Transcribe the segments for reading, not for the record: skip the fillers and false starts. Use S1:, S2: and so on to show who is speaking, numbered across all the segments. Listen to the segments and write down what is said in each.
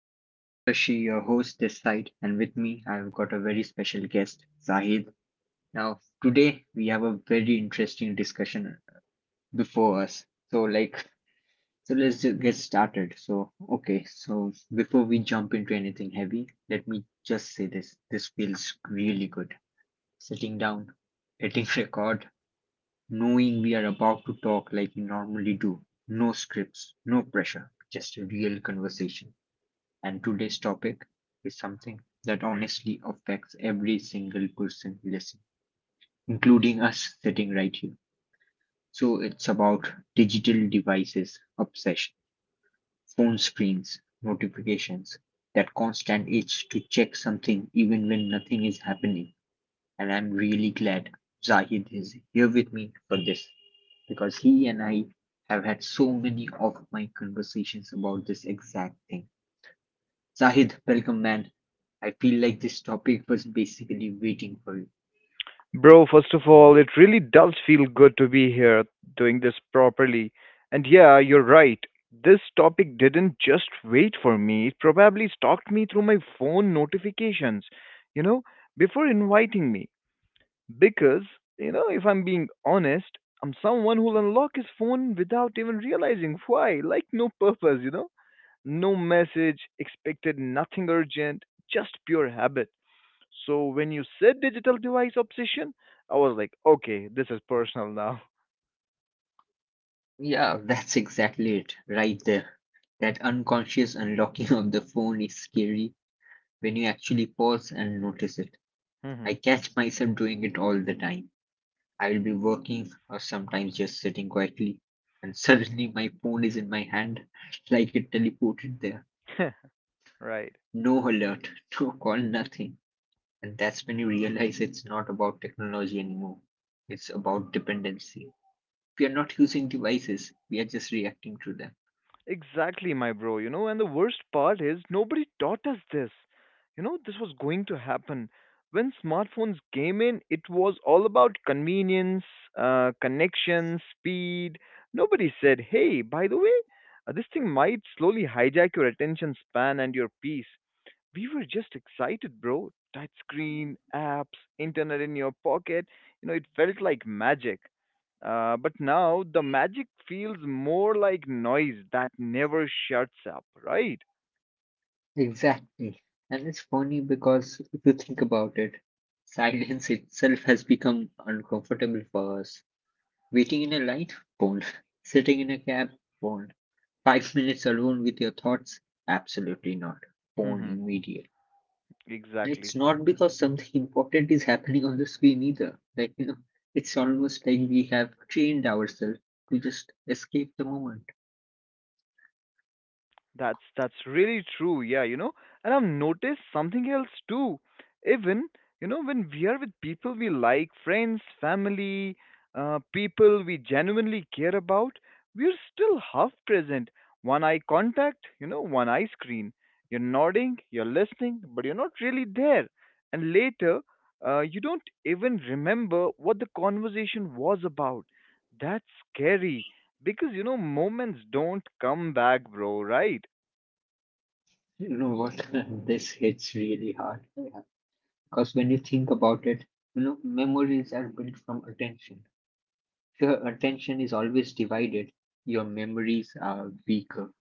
S1: this is Saptashi, your host this side, and with me I've got a very special guest, Zahid. Now, today we have a very interesting discussion before us. So, like, so let's get started. So before we jump into anything heavy, let me just say this feels really good. Sitting down, hitting record, knowing we are about to talk like we normally do. No scripts, no pressure, just a real conversation. And today's topic is something that honestly affects every single person listening, including us sitting right here. So it's about digital devices obsession, phone screens, notifications, that constant itch to check something even when nothing is happening. And I'm really glad Zahid is here with me for this because he and I have had so many of my conversations about this exact thing. Zahid, welcome, man. I feel like this topic was basically waiting for you.
S2: Bro, first of all, it really does feel good to be here doing this properly. And yeah, you're right. This topic didn't just wait for me, it probably stalked me through my phone notifications, you know, before inviting me. Because, if I'm being honest, I'm someone who'll unlock his phone without even realizing why. Like, no purpose, you know? No message, expected nothing urgent, just pure habit. So when you said digital device obsession, I was like, okay, this is personal now.
S1: Yeah, that's exactly it, right there. That unconscious unlocking of the phone is scary when you actually pause and notice it.
S2: Mhm.
S1: I catch myself doing it all the time. I will be working or sometimes just sitting quietly, and suddenly my phone is in my hand like it teleported there.
S2: Right.
S1: No alert, no call, nothing. And that's when you realize it's not about technology anymore, it's about dependency. We are not using devices, we are just reacting to them.
S2: Exactly, my bro. And the worst part is nobody taught us this. This was going to happen. When smartphones came in, it was all about convenience, connection, speed. Nobody said, hey, by the way, this thing might slowly hijack your attention span and your peace. We were just excited, bro. Touch screen, apps, internet in your pocket. It felt like magic. But now the magic feels more like noise that never shuts up, right?
S1: Exactly. And it's funny because if you think about it, silence itself has become uncomfortable for us. Waiting in a light, phone. Sitting in a cab, phone. 5 minutes alone with your thoughts, absolutely not, phone
S2: Hmm.
S1: immediate. And it's
S2: Exactly.
S1: not because something important is happening on the screen either, like, you know, it's almost like we have trained ourselves to just escape the moment.
S2: That's really true. Yeah, and I've noticed something else too. Even when we are with people we like, friends, family, people we genuinely care about, we're still half present. One eye contact, one eye screen. You're nodding, you're listening, but you're not really there. And later, you don't even remember what the conversation was about. That's scary because moments don't come back, bro. Right?
S1: You know what? This hits really hard. Yeah. Because when you think about it, you know, memories are built from attention. If your attention is always divided, your memories are weaker.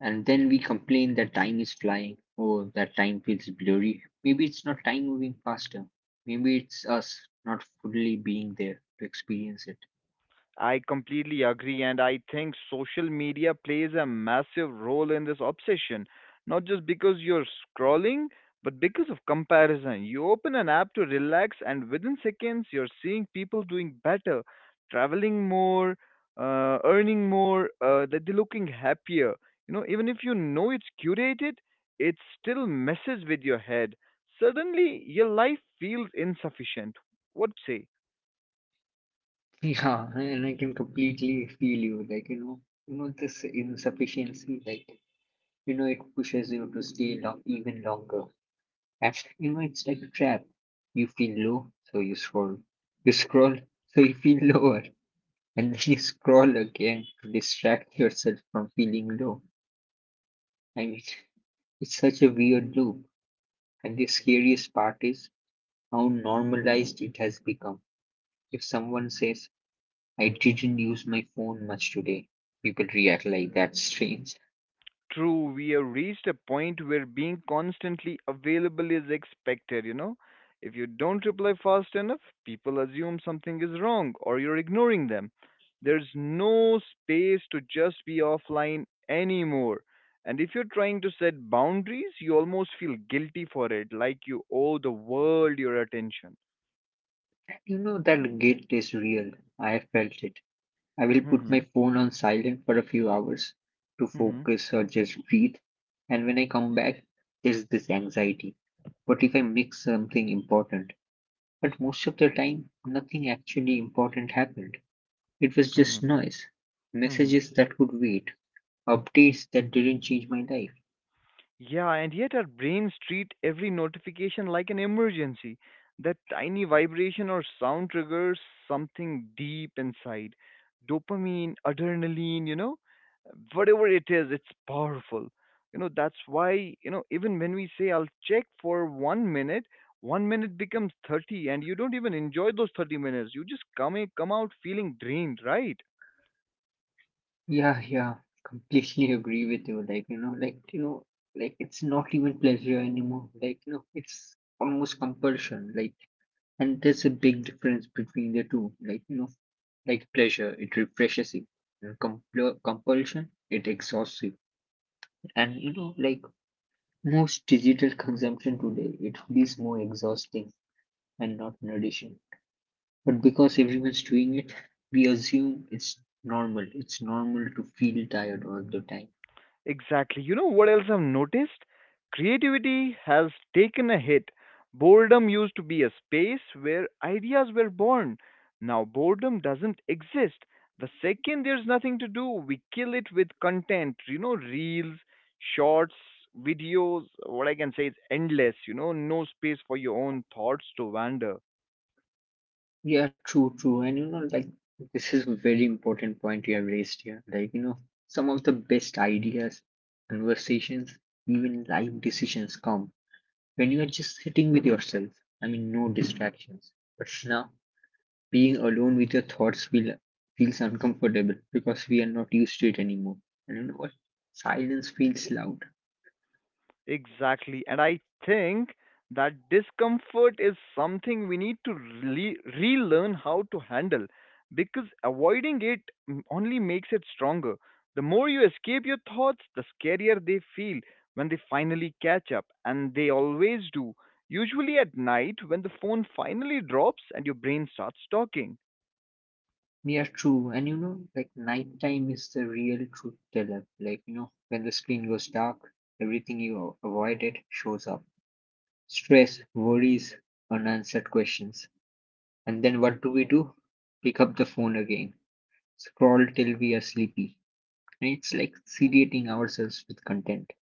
S1: And then we complain that time is flying. Oh, that time feels blurry. Maybe it's not time moving faster. Maybe it's us not fully being there to experience it.
S2: I completely agree, and I think social media plays a massive role in this obsession. Not just because you're scrolling, but because of comparison. You open an app to relax, and within seconds, you're seeing people doing better, traveling more, earning more, that they're looking happier. Even if you know it's curated, it still messes with your head. Suddenly, your life feels insufficient. What say?
S1: Yeah, and I can completely feel you. Like, you know, this insufficiency, like, you know, it pushes you to stay long, even longer. And, you know, it's like a trap. You feel low, so you scroll. You scroll, so you feel lower. And then you scroll again to distract yourself from feeling low. I mean, it's such a weird loop. And the scariest part is how normalized it has become. If someone says, I didn't use my phone much today, people react like that's strange.
S2: True, we have reached a point where being constantly available is expected. If you don't reply fast enough, people assume something is wrong or you're ignoring them. There's no space to just be offline anymore. And if you're trying to set boundaries, you almost feel guilty for it, like you owe the world your attention.
S1: And, you know, that guilt is real. I have felt it. I will put
S2: Hmm.
S1: my phone on silent for a few hours to
S2: Hmm.
S1: focus or just breathe. And when I come back, there's this anxiety. What if I mix something important? But most of the time, nothing actually important happened. It was
S2: Hmm.
S1: just noise,
S2: Hmm.
S1: messages that could wait, updates that didn't change my life.
S2: Yeah, and yet our brains treat every notification like an emergency. That tiny vibration or sound triggers something deep inside. Dopamine, adrenaline, whatever it is, it's powerful. That's why, even when we say I'll check for one minute becomes 30 and you don't even enjoy those 30 minutes. You just come, in, come out feeling drained, right?
S1: Yeah, yeah, completely agree with you. Like, you know, like, you know, like, it's not even pleasure anymore. Like, you know, it's almost compulsion. Like, and there's a big difference between the two, like, you know, like, pleasure, it refreshes you, and compulsion, it exhausts you. And, you know, like, most digital consumption today, it feels more exhausting and not nourishing. But because everyone's doing it, we assume it's normal. It's normal to feel tired all the time.
S2: Exactly. You know what else I've noticed? Creativity has taken a hit. Boredom used to be a space where ideas were born. Now boredom doesn't exist. The second there's nothing to do, we kill it with content, reels, shorts, videos. What I can say is endless, no space for your own thoughts to wander.
S1: Yeah, true, true. And you know, like, this is a very important point you have raised here. Like, you know, some of the best ideas, conversations, even life decisions come when you are just sitting with yourself. I mean, no distractions. But now being alone with your thoughts feels uncomfortable because we are not used to it anymore. And you know what? Silence feels loud.
S2: Exactly. And I think that discomfort is something we need to relearn how to handle because avoiding it only makes it stronger. The more you escape your thoughts, the scarier they feel when they finally catch up, and they always do. Usually at night, when the phone finally drops and your brain starts talking.
S1: Yeah, true. And you know, like, nighttime is the real truth teller. Like, you know, when the screen goes dark, everything you avoided shows up. Stress, worries, unanswered questions. And then what do we do? Pick up the phone again. Scroll till we are sleepy. And it's like sedating ourselves with content.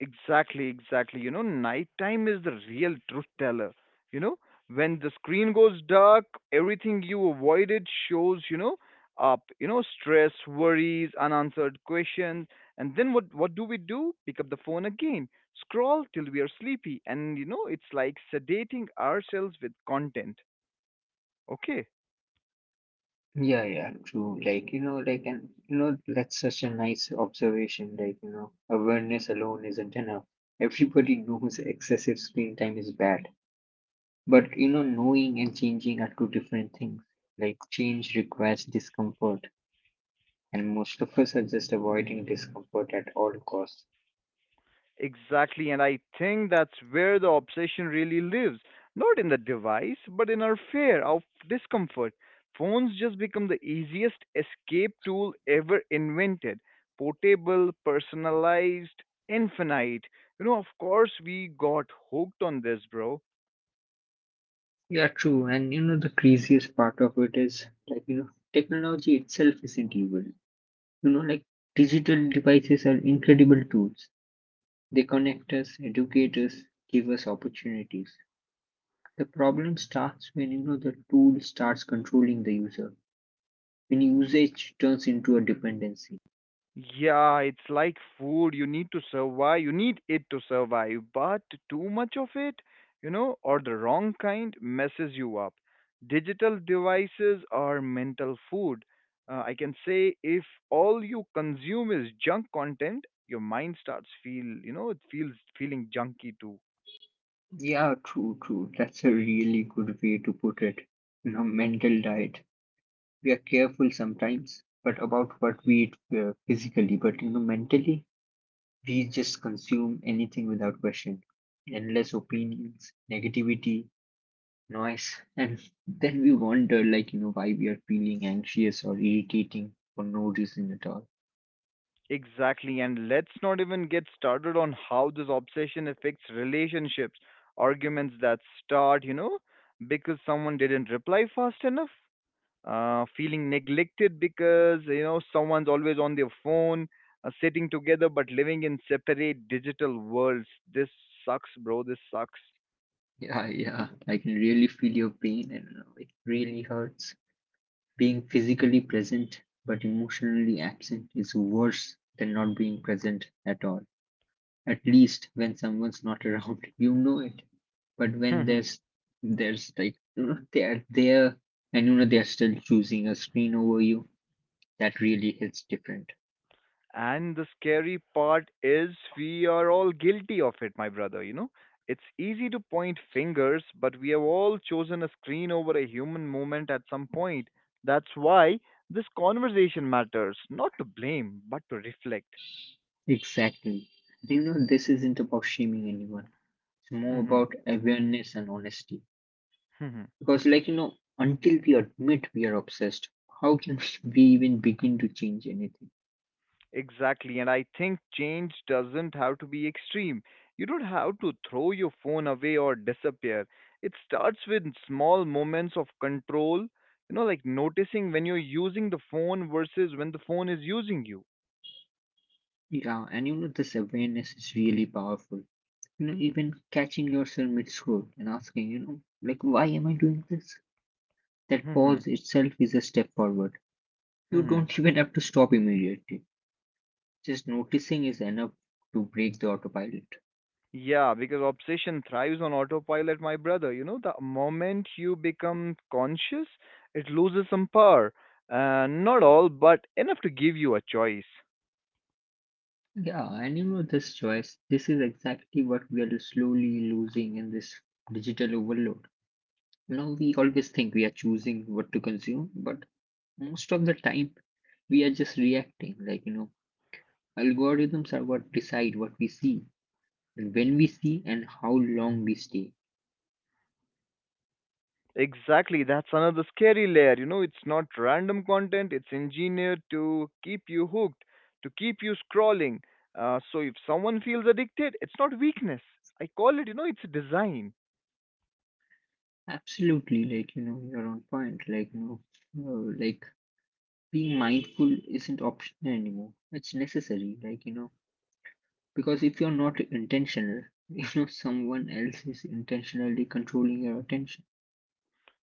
S2: Exactly, exactly. Nighttime is the real truth teller. You know, when the screen goes dark, everything you avoided shows, up, stress, worries, unanswered questions. And then what do we do? Pick up the phone again, scroll till we are sleepy, and it's like sedating ourselves with content. Okay.
S1: Yeah, yeah, true. Like, you know, like, and, you know, that's such a nice observation. Like, you know, awareness alone isn't enough. Everybody knows excessive screen time is bad. But you know, knowing and changing are two different things. Like, change requires discomfort, and most of us are just avoiding discomfort at all costs.
S2: Exactly, and I think that's where the obsession really lives. Not in the device, but in our fear of discomfort. Phones just become the easiest escape tool ever invented. Portable, personalized, infinite. Of course, we got hooked on this, bro.
S1: Yeah, true. And you know, the craziest part of it is, like, you know, technology itself isn't evil. You know, like, digital devices are incredible tools. They connect us, educate us, give us opportunities. The problem starts when, you know, the tool starts controlling the user, when usage turns into a dependency.
S2: Yeah, it's like food. You need to survive. You need it to survive. But too much of it, or the wrong kind messes you up. Digital devices are mental food. I can say if all you consume is junk content, your mind starts feel, it feels feeling junky too.
S1: Yeah, true, true. That's a really good way to put it. You know, mental diet. We are careful sometimes, but about what we eat, physically, but you know, mentally, we just consume anything without question. Endless opinions, negativity, noise, and then we wonder, like, you know, why we are feeling anxious or irritating for no reason at all.
S2: Exactly, and let's not even get started on how this obsession affects relationships, arguments that start, because someone didn't reply fast enough, feeling neglected because, someone's always on their phone, sitting together but living in separate digital worlds. This sucks, bro. This sucks.
S1: Yeah, yeah. I can really feel your pain, and you know, it really hurts. Being physically present but emotionally absent is worse than not being present at all. At least when someone's not around, you know it. But when there's there's like, you know, they are there and, you know, they're still choosing a screen over you, that really hits different.
S2: And the scary part is we are all guilty of it, my brother. It's easy to point fingers, but we have all chosen a screen over a human moment at some point. That's why this conversation matters, not to blame, but to reflect.
S1: Exactly. You know, this isn't about shaming anyone. It's more
S2: Hmm.
S1: about awareness and honesty. Because, like, you know, until we admit we are obsessed, how can we even begin to change anything?
S2: Exactly, and I think change doesn't have to be extreme. You don't have to throw your phone away or disappear. It starts with small moments of control, like noticing when you're using the phone versus when the phone is using you.
S1: Yeah, and you know, this awareness is really powerful. You know, even catching yourself mid scroll and asking, you know, like, why am I doing this? That
S2: Hmm.
S1: pause itself is a step forward. You
S2: Hmm.
S1: don't even have to stop immediately. Just noticing is enough to break the autopilot.
S2: Yeah, because obsession thrives on autopilot, my brother. The moment you become conscious, it loses some power. Not all, but enough to give you a choice.
S1: Yeah, and you know, this choice, this is exactly what we are slowly losing in this digital overload. You know, we always think we are choosing what to consume, but most of the time, we are just reacting, like, you know, algorithms are what decide what we see and when we see and how long we stay.
S2: Exactly, that's another scary layer. It's not random content, it's engineered to keep you hooked, to keep you scrolling. So if someone feels addicted, it's not weakness. I call it, it's design.
S1: Absolutely, like, you know, you're on point. Like, you know, like, being mindful isn't optional anymore. It's necessary. Like, you know, because if you're not intentional, you know, someone else is intentionally controlling your attention.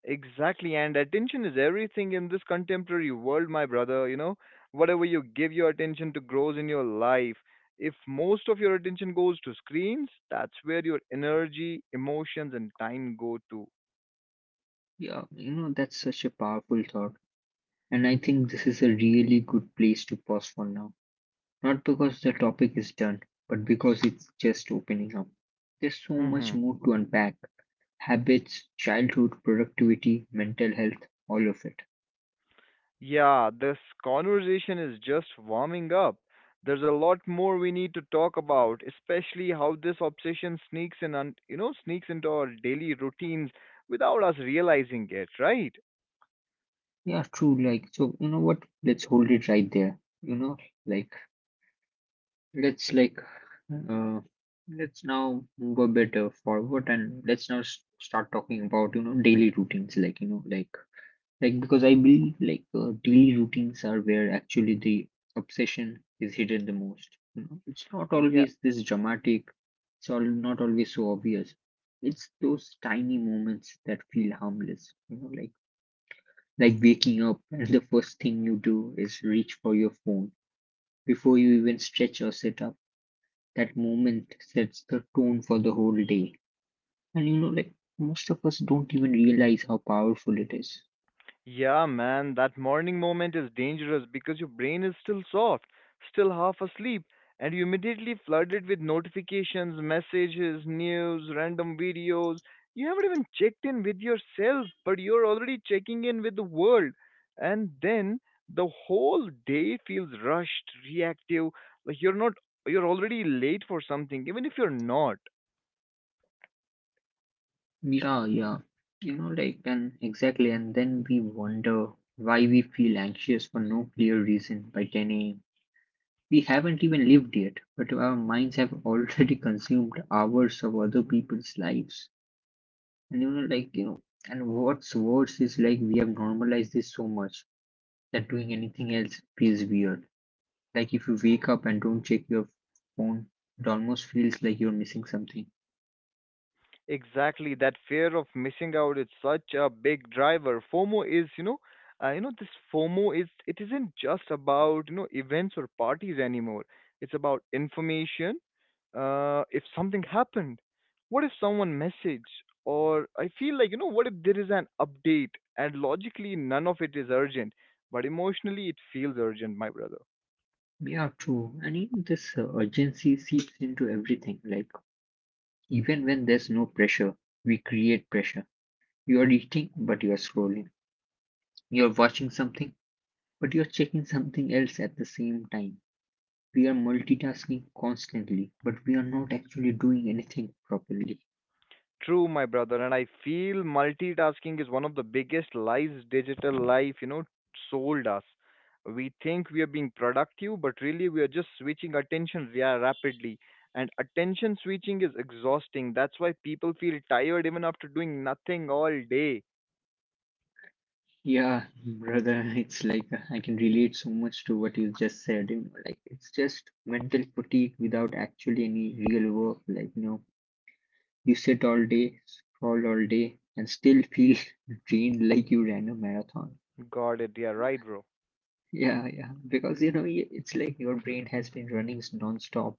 S2: Exactly, and attention is everything in this contemporary world, my brother. Whatever you give your attention to grows in your life. If most of your attention goes to screens, that's where your energy, emotions, and time go
S1: Yeah, you know, that's such a powerful thought, and I think this is a really good place to pause for now. Not because the topic is done, but because it's just opening up. There's so much
S2: to.
S1: more to unpack: habits, childhood, productivity, mental health, all of it.
S2: Yeah, this conversation is just warming up. There's a lot more we need to talk about, especially how this obsession sneaks in and sneaks into our daily routines without us realizing it, right?
S1: Yeah, true. Like, so, you know what? Let's hold it right there. You know, like, like, uh, let's now move a bit forward and let's now start talking about, you know, daily routines. Like, you know, like, because I believe, like, daily routines are where actually the obsession is hidden the most. You know, it's not
S2: Yeah,
S1: always this dramatic. It's all not always so obvious. It's those tiny moments that feel harmless. You know, like waking up and the first thing you do is reach for your phone before you even stretch or sit up. That moment sets the tone for the whole day. And you know, like, most of us don't even realize how powerful it is.
S2: yeah, man, that morning moment is dangerous because your brain is still soft, still half asleep, and you immediately flooded with notifications, messages, news, random videos. You haven't even checked in with yourself, but you're already checking in with the world. And then the whole day feels rushed, reactive, like you're not you're already late for something, even if you're not.
S1: Yeah, yeah. You know, like, and exactly, and then we wonder why we feel anxious for no clear reason by 10 a.m. We haven't even lived yet, but our minds have already consumed hours of other people's lives. And you know, like, you know, and what's worse is, like, we have normalized this so much that doing anything else feels weird. Like, if you wake up and don't check your phone, it almost feels like you're missing something.
S2: Exactly, that fear of missing out is such a big driver. FOMO is, this FOMO is it isn't just about events or parties anymore. It's about information. If something happened, what if someone messaged, or I feel like what if there is an update and logically none of it is urgent, but emotionally it feels urgent, my brother.
S1: Yeah, true. And even this urgency seeps into everything. Like, even when there's no pressure, we create pressure. You're eating, but you're scrolling. You're watching something, but you're checking something else at the same time. We are multitasking constantly, but we are not actually doing anything properly.
S2: True, my brother, and I feel multitasking is one of the biggest lies digital life, sold us. We think we are being productive, but really we are just switching attention rapidly. And attention switching is exhausting. That's why people feel tired even after doing nothing all day.
S1: Yeah, brother, it's like, I can relate so much to what you just said. You know, like, it's just mental fatigue without actually any real work. Like, you know, you sit all day, scroll all day, and still feel drained like you ran a marathon.
S2: Got it, yeah, right, bro.
S1: Yeah, yeah, because, you know, it's like your brain has been running nonstop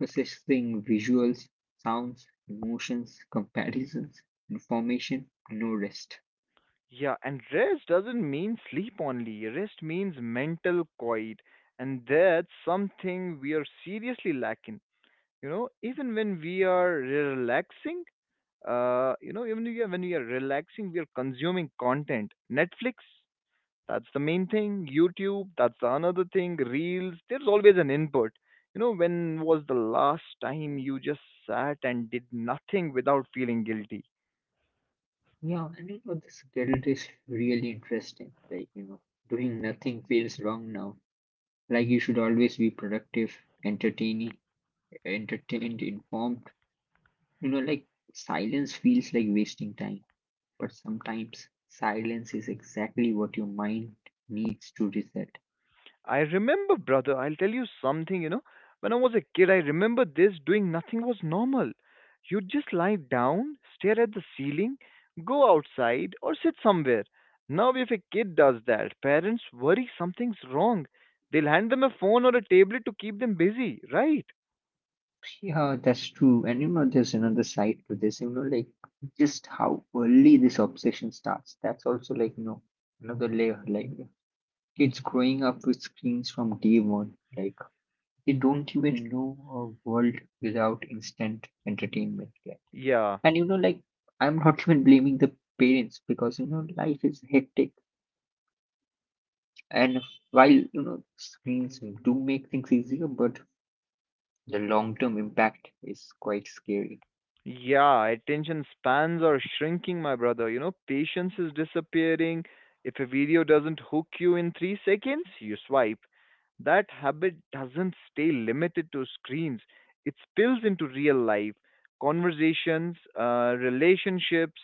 S1: processing visuals, sounds, emotions, comparisons, information, no rest.
S2: Yeah, and rest doesn't mean sleep only. Rest means mental quiet. And that's something we are seriously lacking. Even when we are relaxing, even when we are relaxing we are consuming content. Netflix, that's the main thing. YouTube, that's another thing. Reels. There's always an input. When was the last time you just sat and did nothing without feeling guilty?
S1: Yeah, and you know, this guilt is really interesting. Like, you know, doing nothing feels wrong now. Like, you should always be productive, entertaining, entertained, informed. You know, like, silence feels like wasting time, but sometimes silence is exactly what your mind needs to reset.
S2: I remember, brother, I'll tell you something. When I was a kid, I remember this doing nothing was normal. You'd just lie down, stare at the ceiling, go outside, or sit somewhere. Now, if a kid does that, parents worry something's wrong. They'll hand them a phone or a tablet to keep them busy, right?
S1: Yeah, that's true. And you know, there's another side to this, you know, like just how early this obsession starts. That's also like, you know, another layer. Like kids growing up with screens from day one, like they don't even know a world without instant entertainment. Like,
S2: Yeah.
S1: and you know, like I'm not even blaming the parents because, you know, life is hectic. And while, you know, screens do make things easier, but the long-term impact is quite scary.
S2: Yeah, attention spans are shrinking, my brother. Patience is disappearing. If a video doesn't hook you in 3 seconds, you swipe. That habit doesn't stay limited to screens, it spills into real life, conversations, relationships,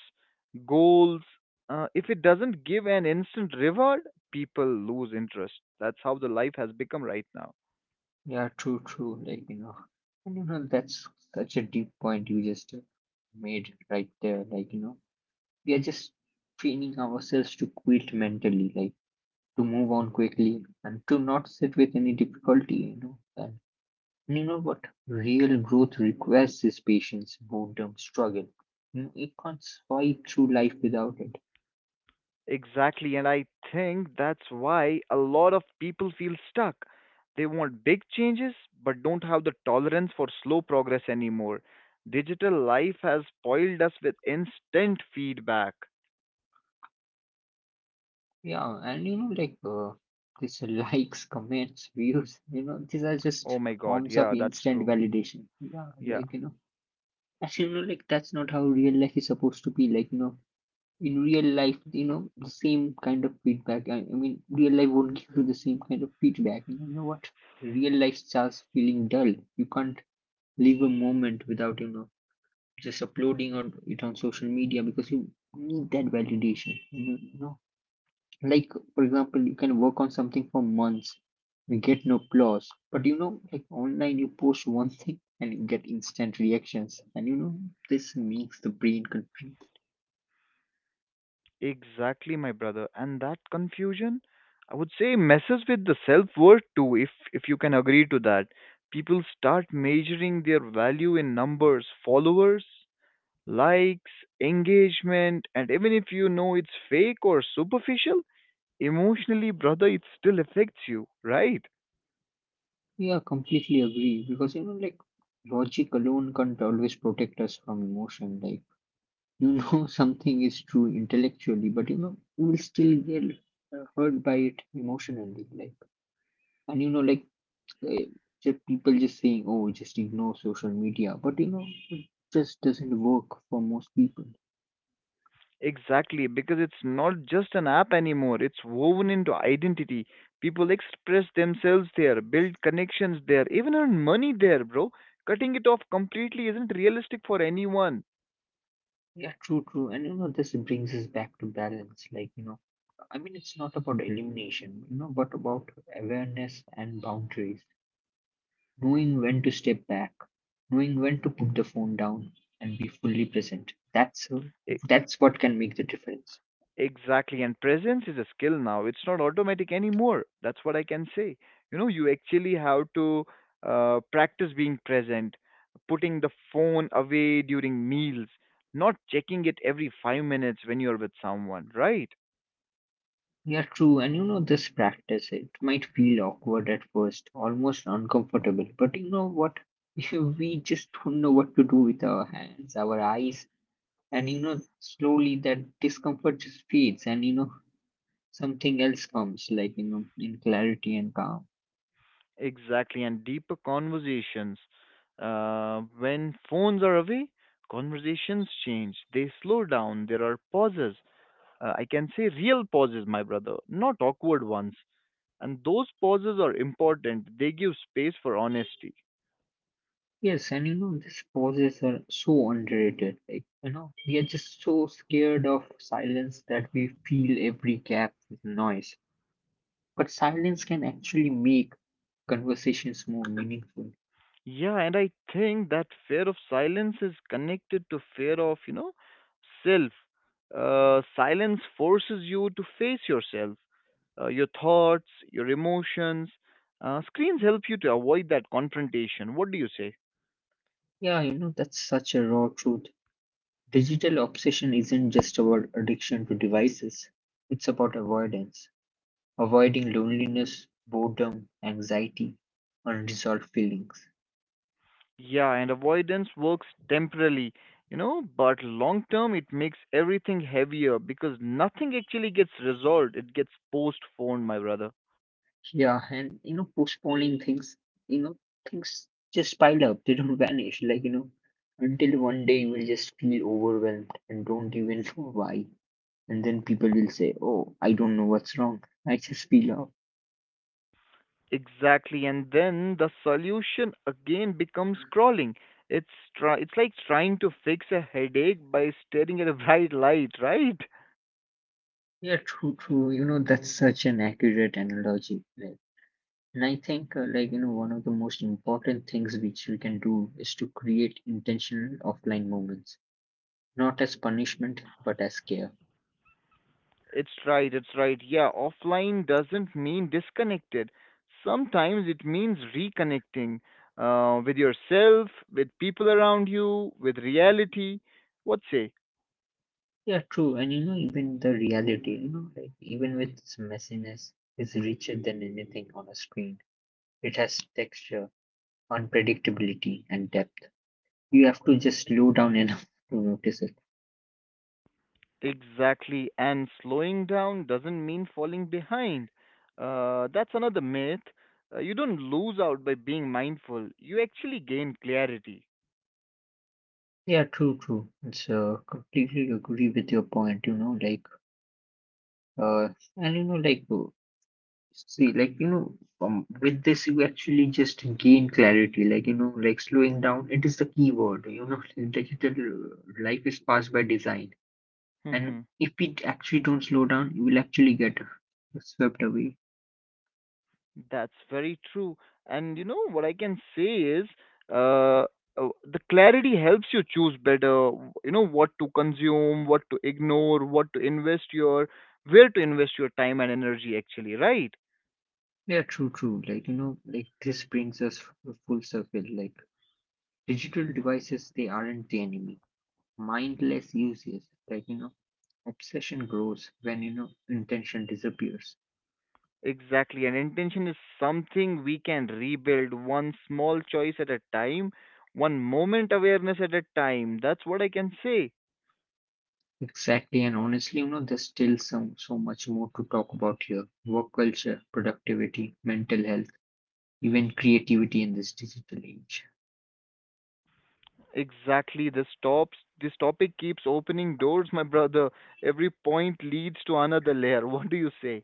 S2: goals. If it doesn't give an instant reward, people lose interest. That's how the life has become right now.
S1: Yeah, true, true. Like, you know, and you know, that's such a deep point you just made right there. Like, you know, we are just training ourselves to quit mentally, like to move on quickly and to not sit with any difficulty, you know. And you know what? Real growth requires is patience, boredom, struggle. You know, you can't swipe through life without it.
S2: Exactly, and I think that's why a lot of people feel stuck. They want big changes but don't have the tolerance for slow progress anymore. Digital life has spoiled us with instant feedback.
S1: Yeah, and you know, like these likes, comments, views, you know, these are
S2: Oh
S1: just
S2: my god,
S1: forms of
S2: yeah, that's
S1: instant
S2: true.
S1: validation. Yeah,
S2: Yeah,
S1: like you know, actually, you know, like that's not how real life is supposed to be. Like you know, in real life, you know, the same kind of feedback. I mean, real life won't give you the same kind of feedback. You know what? Real life starts feeling dull. You can't live a moment without, you know, just uploading on it on social media because you need that validation. You know, you know, like, for example, you can work on something for months, you get no applause. But you know, like online, you post one thing and you get instant reactions. And you know, this makes the brain confused.
S2: exactly, my brother. And that confusion, I would say, messes with the self-worth too, if you can agree to that. People start measuring their value in numbers, followers, likes, engagement, and even if you know it's fake or superficial, emotionally, brother, it still affects you, right?
S1: Yeah, completely agree. Because you know, like, logic alone can't always protect us from emotion. Like, you know, something is true intellectually, but you know, you will still get hurt by it emotionally. Like, and you know, like, eh, just people just saying, "Oh, just ignore social media," but you know, it just doesn't work for most people.
S2: Exactly, because it's not just an app anymore, it's woven into identity. People express themselves there, build connections there, even earn money there, bro. Cutting it off completely isn't realistic for anyone.
S1: Yeah, true, true, and you know, this brings us back to balance. Like you know, I mean, it's not about elimination, you know, but about awareness and boundaries. Knowing when to step back, knowing when to put the phone down, and be fully present.
S2: E,
S1: That's what can make the difference.
S2: Exactly, and presence is a skill now. It's not automatic anymore. That's what I can say. You know, you actually have to practice being present, putting the phone away during meals, not checking it every 5 minutes when you're with someone, right?
S1: Yeah, true. And you know, this practice, it might feel awkward at first, almost uncomfortable. But you know what? We just don't know what to do with our hands, our eyes. And you know, slowly that discomfort just fades, and you know, something else comes, like you know, in clarity and calm.
S2: Exactly, and deeper conversations. When phones are away, conversations change. They slow down. There are pauses. I can say real pauses, my brother, not awkward ones. And those pauses are important, they give space for honesty.
S1: Yes, and you know, these pauses are so underrated. Like, you know, we are just so scared of silence that we feel every gap with noise. But silence can actually make conversations more meaningful.
S2: Yeah, and I think that fear of silence is connected to fear of, you know, self. Silence forces you to face yourself, your thoughts, your emotions. Screens help you to avoid that confrontation. What do you say?
S1: Yeah, you know, that's such a raw truth. Digital obsession isn't just about addiction to devices, it's about avoidance, avoiding loneliness, boredom, anxiety, unresolved feelings.
S2: Yeah, and avoidance works temporarily, you know, but long term it makes everything heavier because nothing actually gets resolved. It gets postponed, my brother.
S1: Yeah, and you know, postponing things, you know, things just pile up, they don't vanish, like you know, until one day you will just feel overwhelmed and don't even know why. And then people will say, oh, I don't know what's wrong, I just feel off.
S2: Exactly, and then the solution again becomes crawling. It's try it's like trying to fix a headache by staring at a bright light, right?
S1: Yeah, true, true, you know, that's such an accurate analogy, like, and I think like you know, one of the most important things which we can do is to create intentional offline moments, not as punishment but as care.
S2: It's right, it's right. Yeah, offline doesn't mean disconnected. Sometimes it means reconnecting with yourself, with people around you, with reality. What say?
S1: Yeah, true. And you know, even the reality, you know, like even with its messiness is richer than anything on a screen. It has texture, unpredictability and depth. You have to just slow down enough to notice it.
S2: Exactly. And slowing down doesn't mean falling behind. That's another myth. You don't lose out by being mindful, you actually gain clarity.
S1: Yeah, true, true. It's completely agree with your point, you know, like uh and you know like see like you know, with this you actually just gain clarity, like you know, like slowing down it is the key word, you know. Digital life is fast by design, and
S2: hmm
S1: if we actually don't slow down you will actually get swept away.
S2: That's very true. And you know what I can say is uh, the clarity helps you choose better, you know, what to consume, what to ignore, what to invest your, where to invest your time and energy, actually, right?
S1: Yeah, true, true. Like you know, like this brings us full circle, like digital devices they aren't the enemy, mindless uses like you know. Obsession grows when you know intention disappears.
S2: Exactly, and intention is something we can rebuild one small choice at a time, one moment awareness at a time. That's what I can say.
S1: Exactly, and honestly, you know, there's still some so much more to talk about here. Work culture, productivity, mental health, even creativity in this digital age.
S2: Exactly, this stops. This topic keeps opening doors, my brother. Every point leads to another layer. What do you say?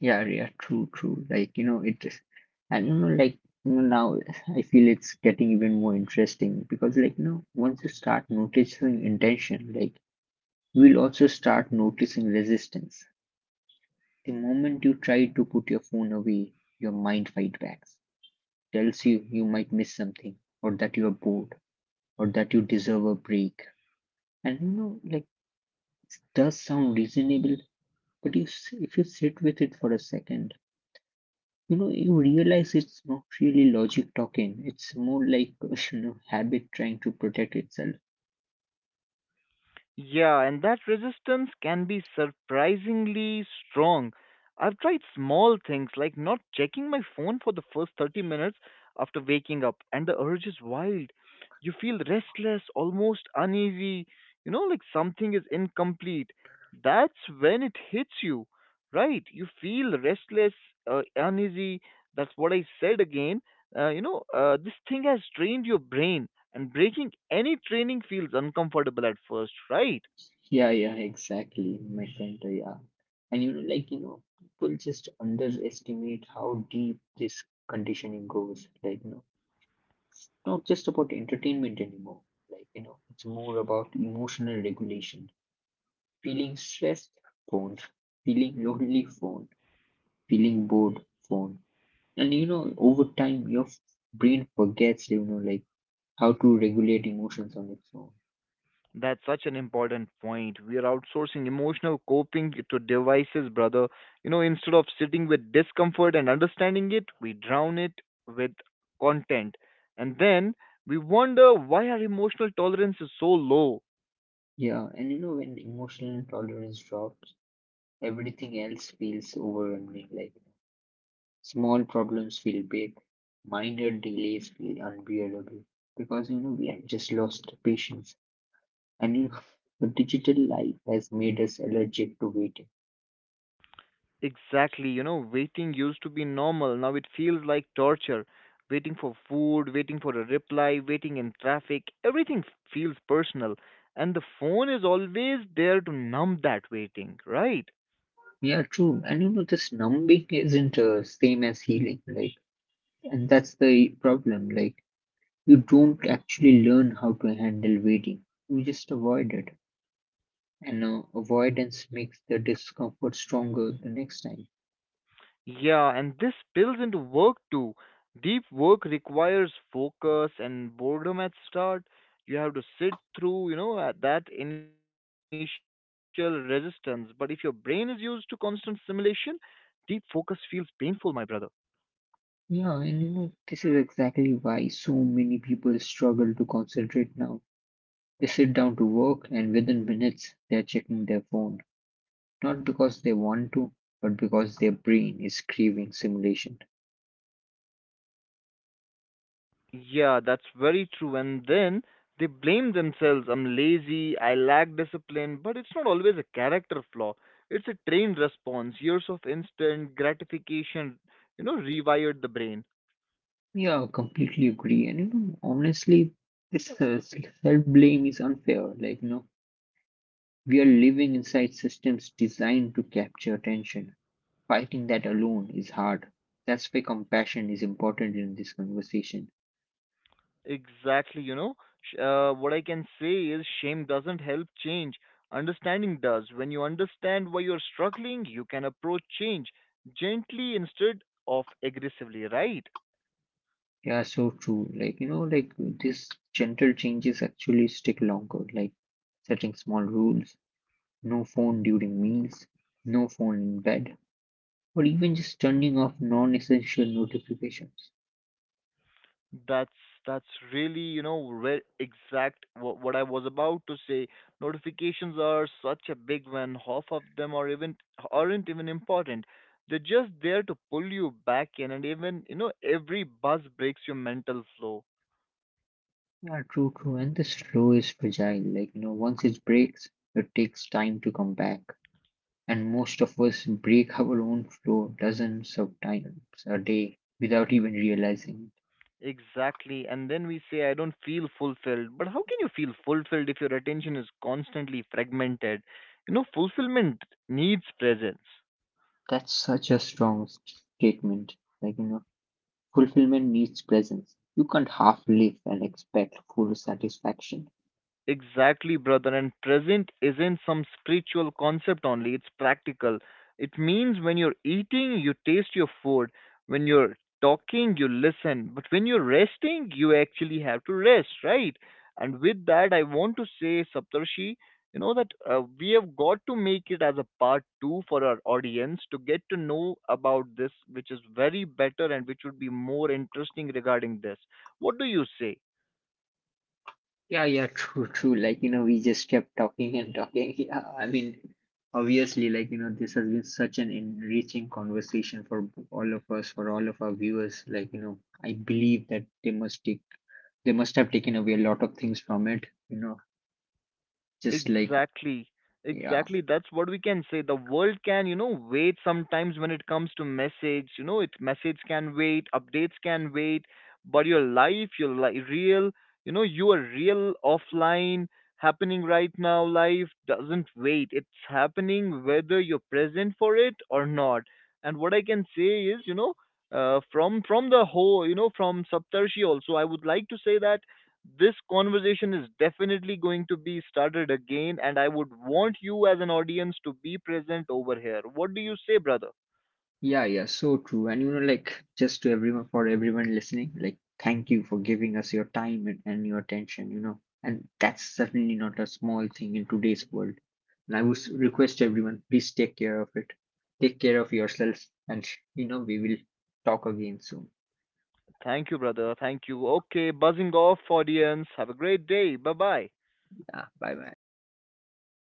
S1: Yeah, yeah, true, true. Like, you know, it is, and you know, like you know, now I feel it's getting even more interesting because like you know, once you start noticing intention, like you will also start noticing resistance. The moment you try to put your phone away, your mind fight back, tells you you might miss something, or that you are bored, or that you deserve a break. And you know, like, it does sound reasonable, but you if you sit with it for a second, you know you realize it's not really logic talking, it's more like you know, habit trying to protect itself.
S2: Yeah, and that resistance can be surprisingly strong. I've tried small things like not checking my phone for the first 30 minutes after waking up, and the urge is wild. You feel restless, almost uneasy, you know, like something is incomplete. That's when it hits you, right? You feel restless, uneasy. That's what I said again. This thing has trained your brain and breaking any training feels uncomfortable at first, right?
S1: Yeah, yeah, exactly, my friend. Yeah, and you know, like you know, people just underestimate how deep this conditioning goes, like, no. Not just about entertainment anymore. Like, you know, it's more about emotional regulation. Feeling stressed, phone. Feeling lonely, phone. Feeling bored, phone. And, you know, over time, your brain forgets, you know, like how to regulate emotions on its own.
S2: That's such an important point. We are outsourcing emotional coping to devices, brother. You know, instead of sitting with discomfort and understanding it, we drown it with content. And then we wonder why our emotional tolerance is so low.
S1: Yeah. And, you know, when emotional tolerance drops, everything else feels overwhelming. Like, small problems feel big, minor delays feel unbearable because, you know, we have just lost patience. And you know, the digital life has made us allergic to waiting.
S2: Exactly, you know, waiting used to be normal. Now it feels like torture. Waiting for food, waiting for a reply, waiting in traffic, everything feels personal. And the phone is always there to numb that waiting, right?
S1: Yeah, true. And you know, this numbing isn't same as healing, like, and that's the problem. Like, you don't actually learn how to handle waiting. You just avoid it, and avoidance makes the discomfort stronger the next time.
S2: Yeah, and this spills into work too. Deep work requires focus and boredom at start. You have to sit through, you know, at that initial resistance. But if your brain is used to constant stimulation, deep focus feels painful, my brother.
S1: Yeah, and you know, this is exactly why so many people struggle to concentrate now. They sit down to work, and within minutes, they're checking their phone. Not because they want to, but because their brain is craving simulation.
S2: Yeah, that's very true. And then they blame themselves. I'm lazy, I lack discipline, but it's not always a character flaw. It's a trained response. Years of instant gratification, you know, rewired the brain.
S1: Yeah, I completely agree. And you know, honestly, this self-blame is unfair. Like, you know, we are living inside systems designed to capture attention. Fighting that alone is hard. That's why compassion is important in this conversation.
S2: Exactly, you know. What I can say is shame doesn't help change. Understanding does. When you understand why you're struggling, you can approach change gently instead of aggressively, right?
S1: Yeah, so true. Like, you know, like these gentle changes actually stick longer, like setting small rules, no phone during meals, no phone in bed, or even just turning off non-essential notifications.
S2: That's that's really you know exact what I was about to say. Notifications are such a big one. Half of them aren't even important. They're just there to pull you back in, and even you know every buzz breaks your mental flow.
S1: Yeah, true, true. And this flow is fragile. Like, you know, once it breaks, it takes time to come back. And most of us break our own flow dozens of times a day without even realizing it.
S2: Exactly, and then we say I don't feel fulfilled. But how can you feel fulfilled if your attention is constantly fragmented? You know, fulfillment needs presence.
S1: That's such a strong statement. Like, you know, fulfillment needs presence. You can't half live and expect full satisfaction.
S2: Exactly, brother. And present isn't some spiritual concept only, it's practical. It means when you're eating, you taste your food. When you're talking, you listen. But when you're resting, you actually have to rest, right? And with that, I want to say, Saptarshi, you know that we have got to make it as a part two for our audience to get to know about this, which is very better and which would be more interesting regarding this. What do you say?
S1: Yeah, yeah, true, true. Like, you know, we just kept talking and talking. Yeah, I mean, obviously, like, you know, this has been such an enriching conversation for all of us, for all of our viewers. Like, you know, I believe that they must take, they must have taken away a lot of things from it, you know, just like,
S2: Exactly.
S1: yeah.
S2: Exactly. That's what we can say. The world can, you know, wait sometimes when it comes to message. You know, it message can wait, updates can wait, but your life, real, you know, your real offline happening right now life doesn't wait. It's happening whether you're present for it or not. And what I can say is, you know, from the whole, you know, from Saptarshi also, I would like to say that this conversation is definitely going to be started again, and I would want you as an audience to be present over here. What do you say, brother?
S1: Yeah, yeah, so true. And you know, like just to everyone, for everyone listening, like thank you for giving us your time and your attention, you know. And that's certainly not a small thing in today's world. And I would request everyone, please take care of it. Take care of yourself, and you know, we will talk again soon.
S2: Thank you, brother. Thank you. Okay, buzzing off, audience. Have a great day. Bye bye.
S1: Yeah, bye bye.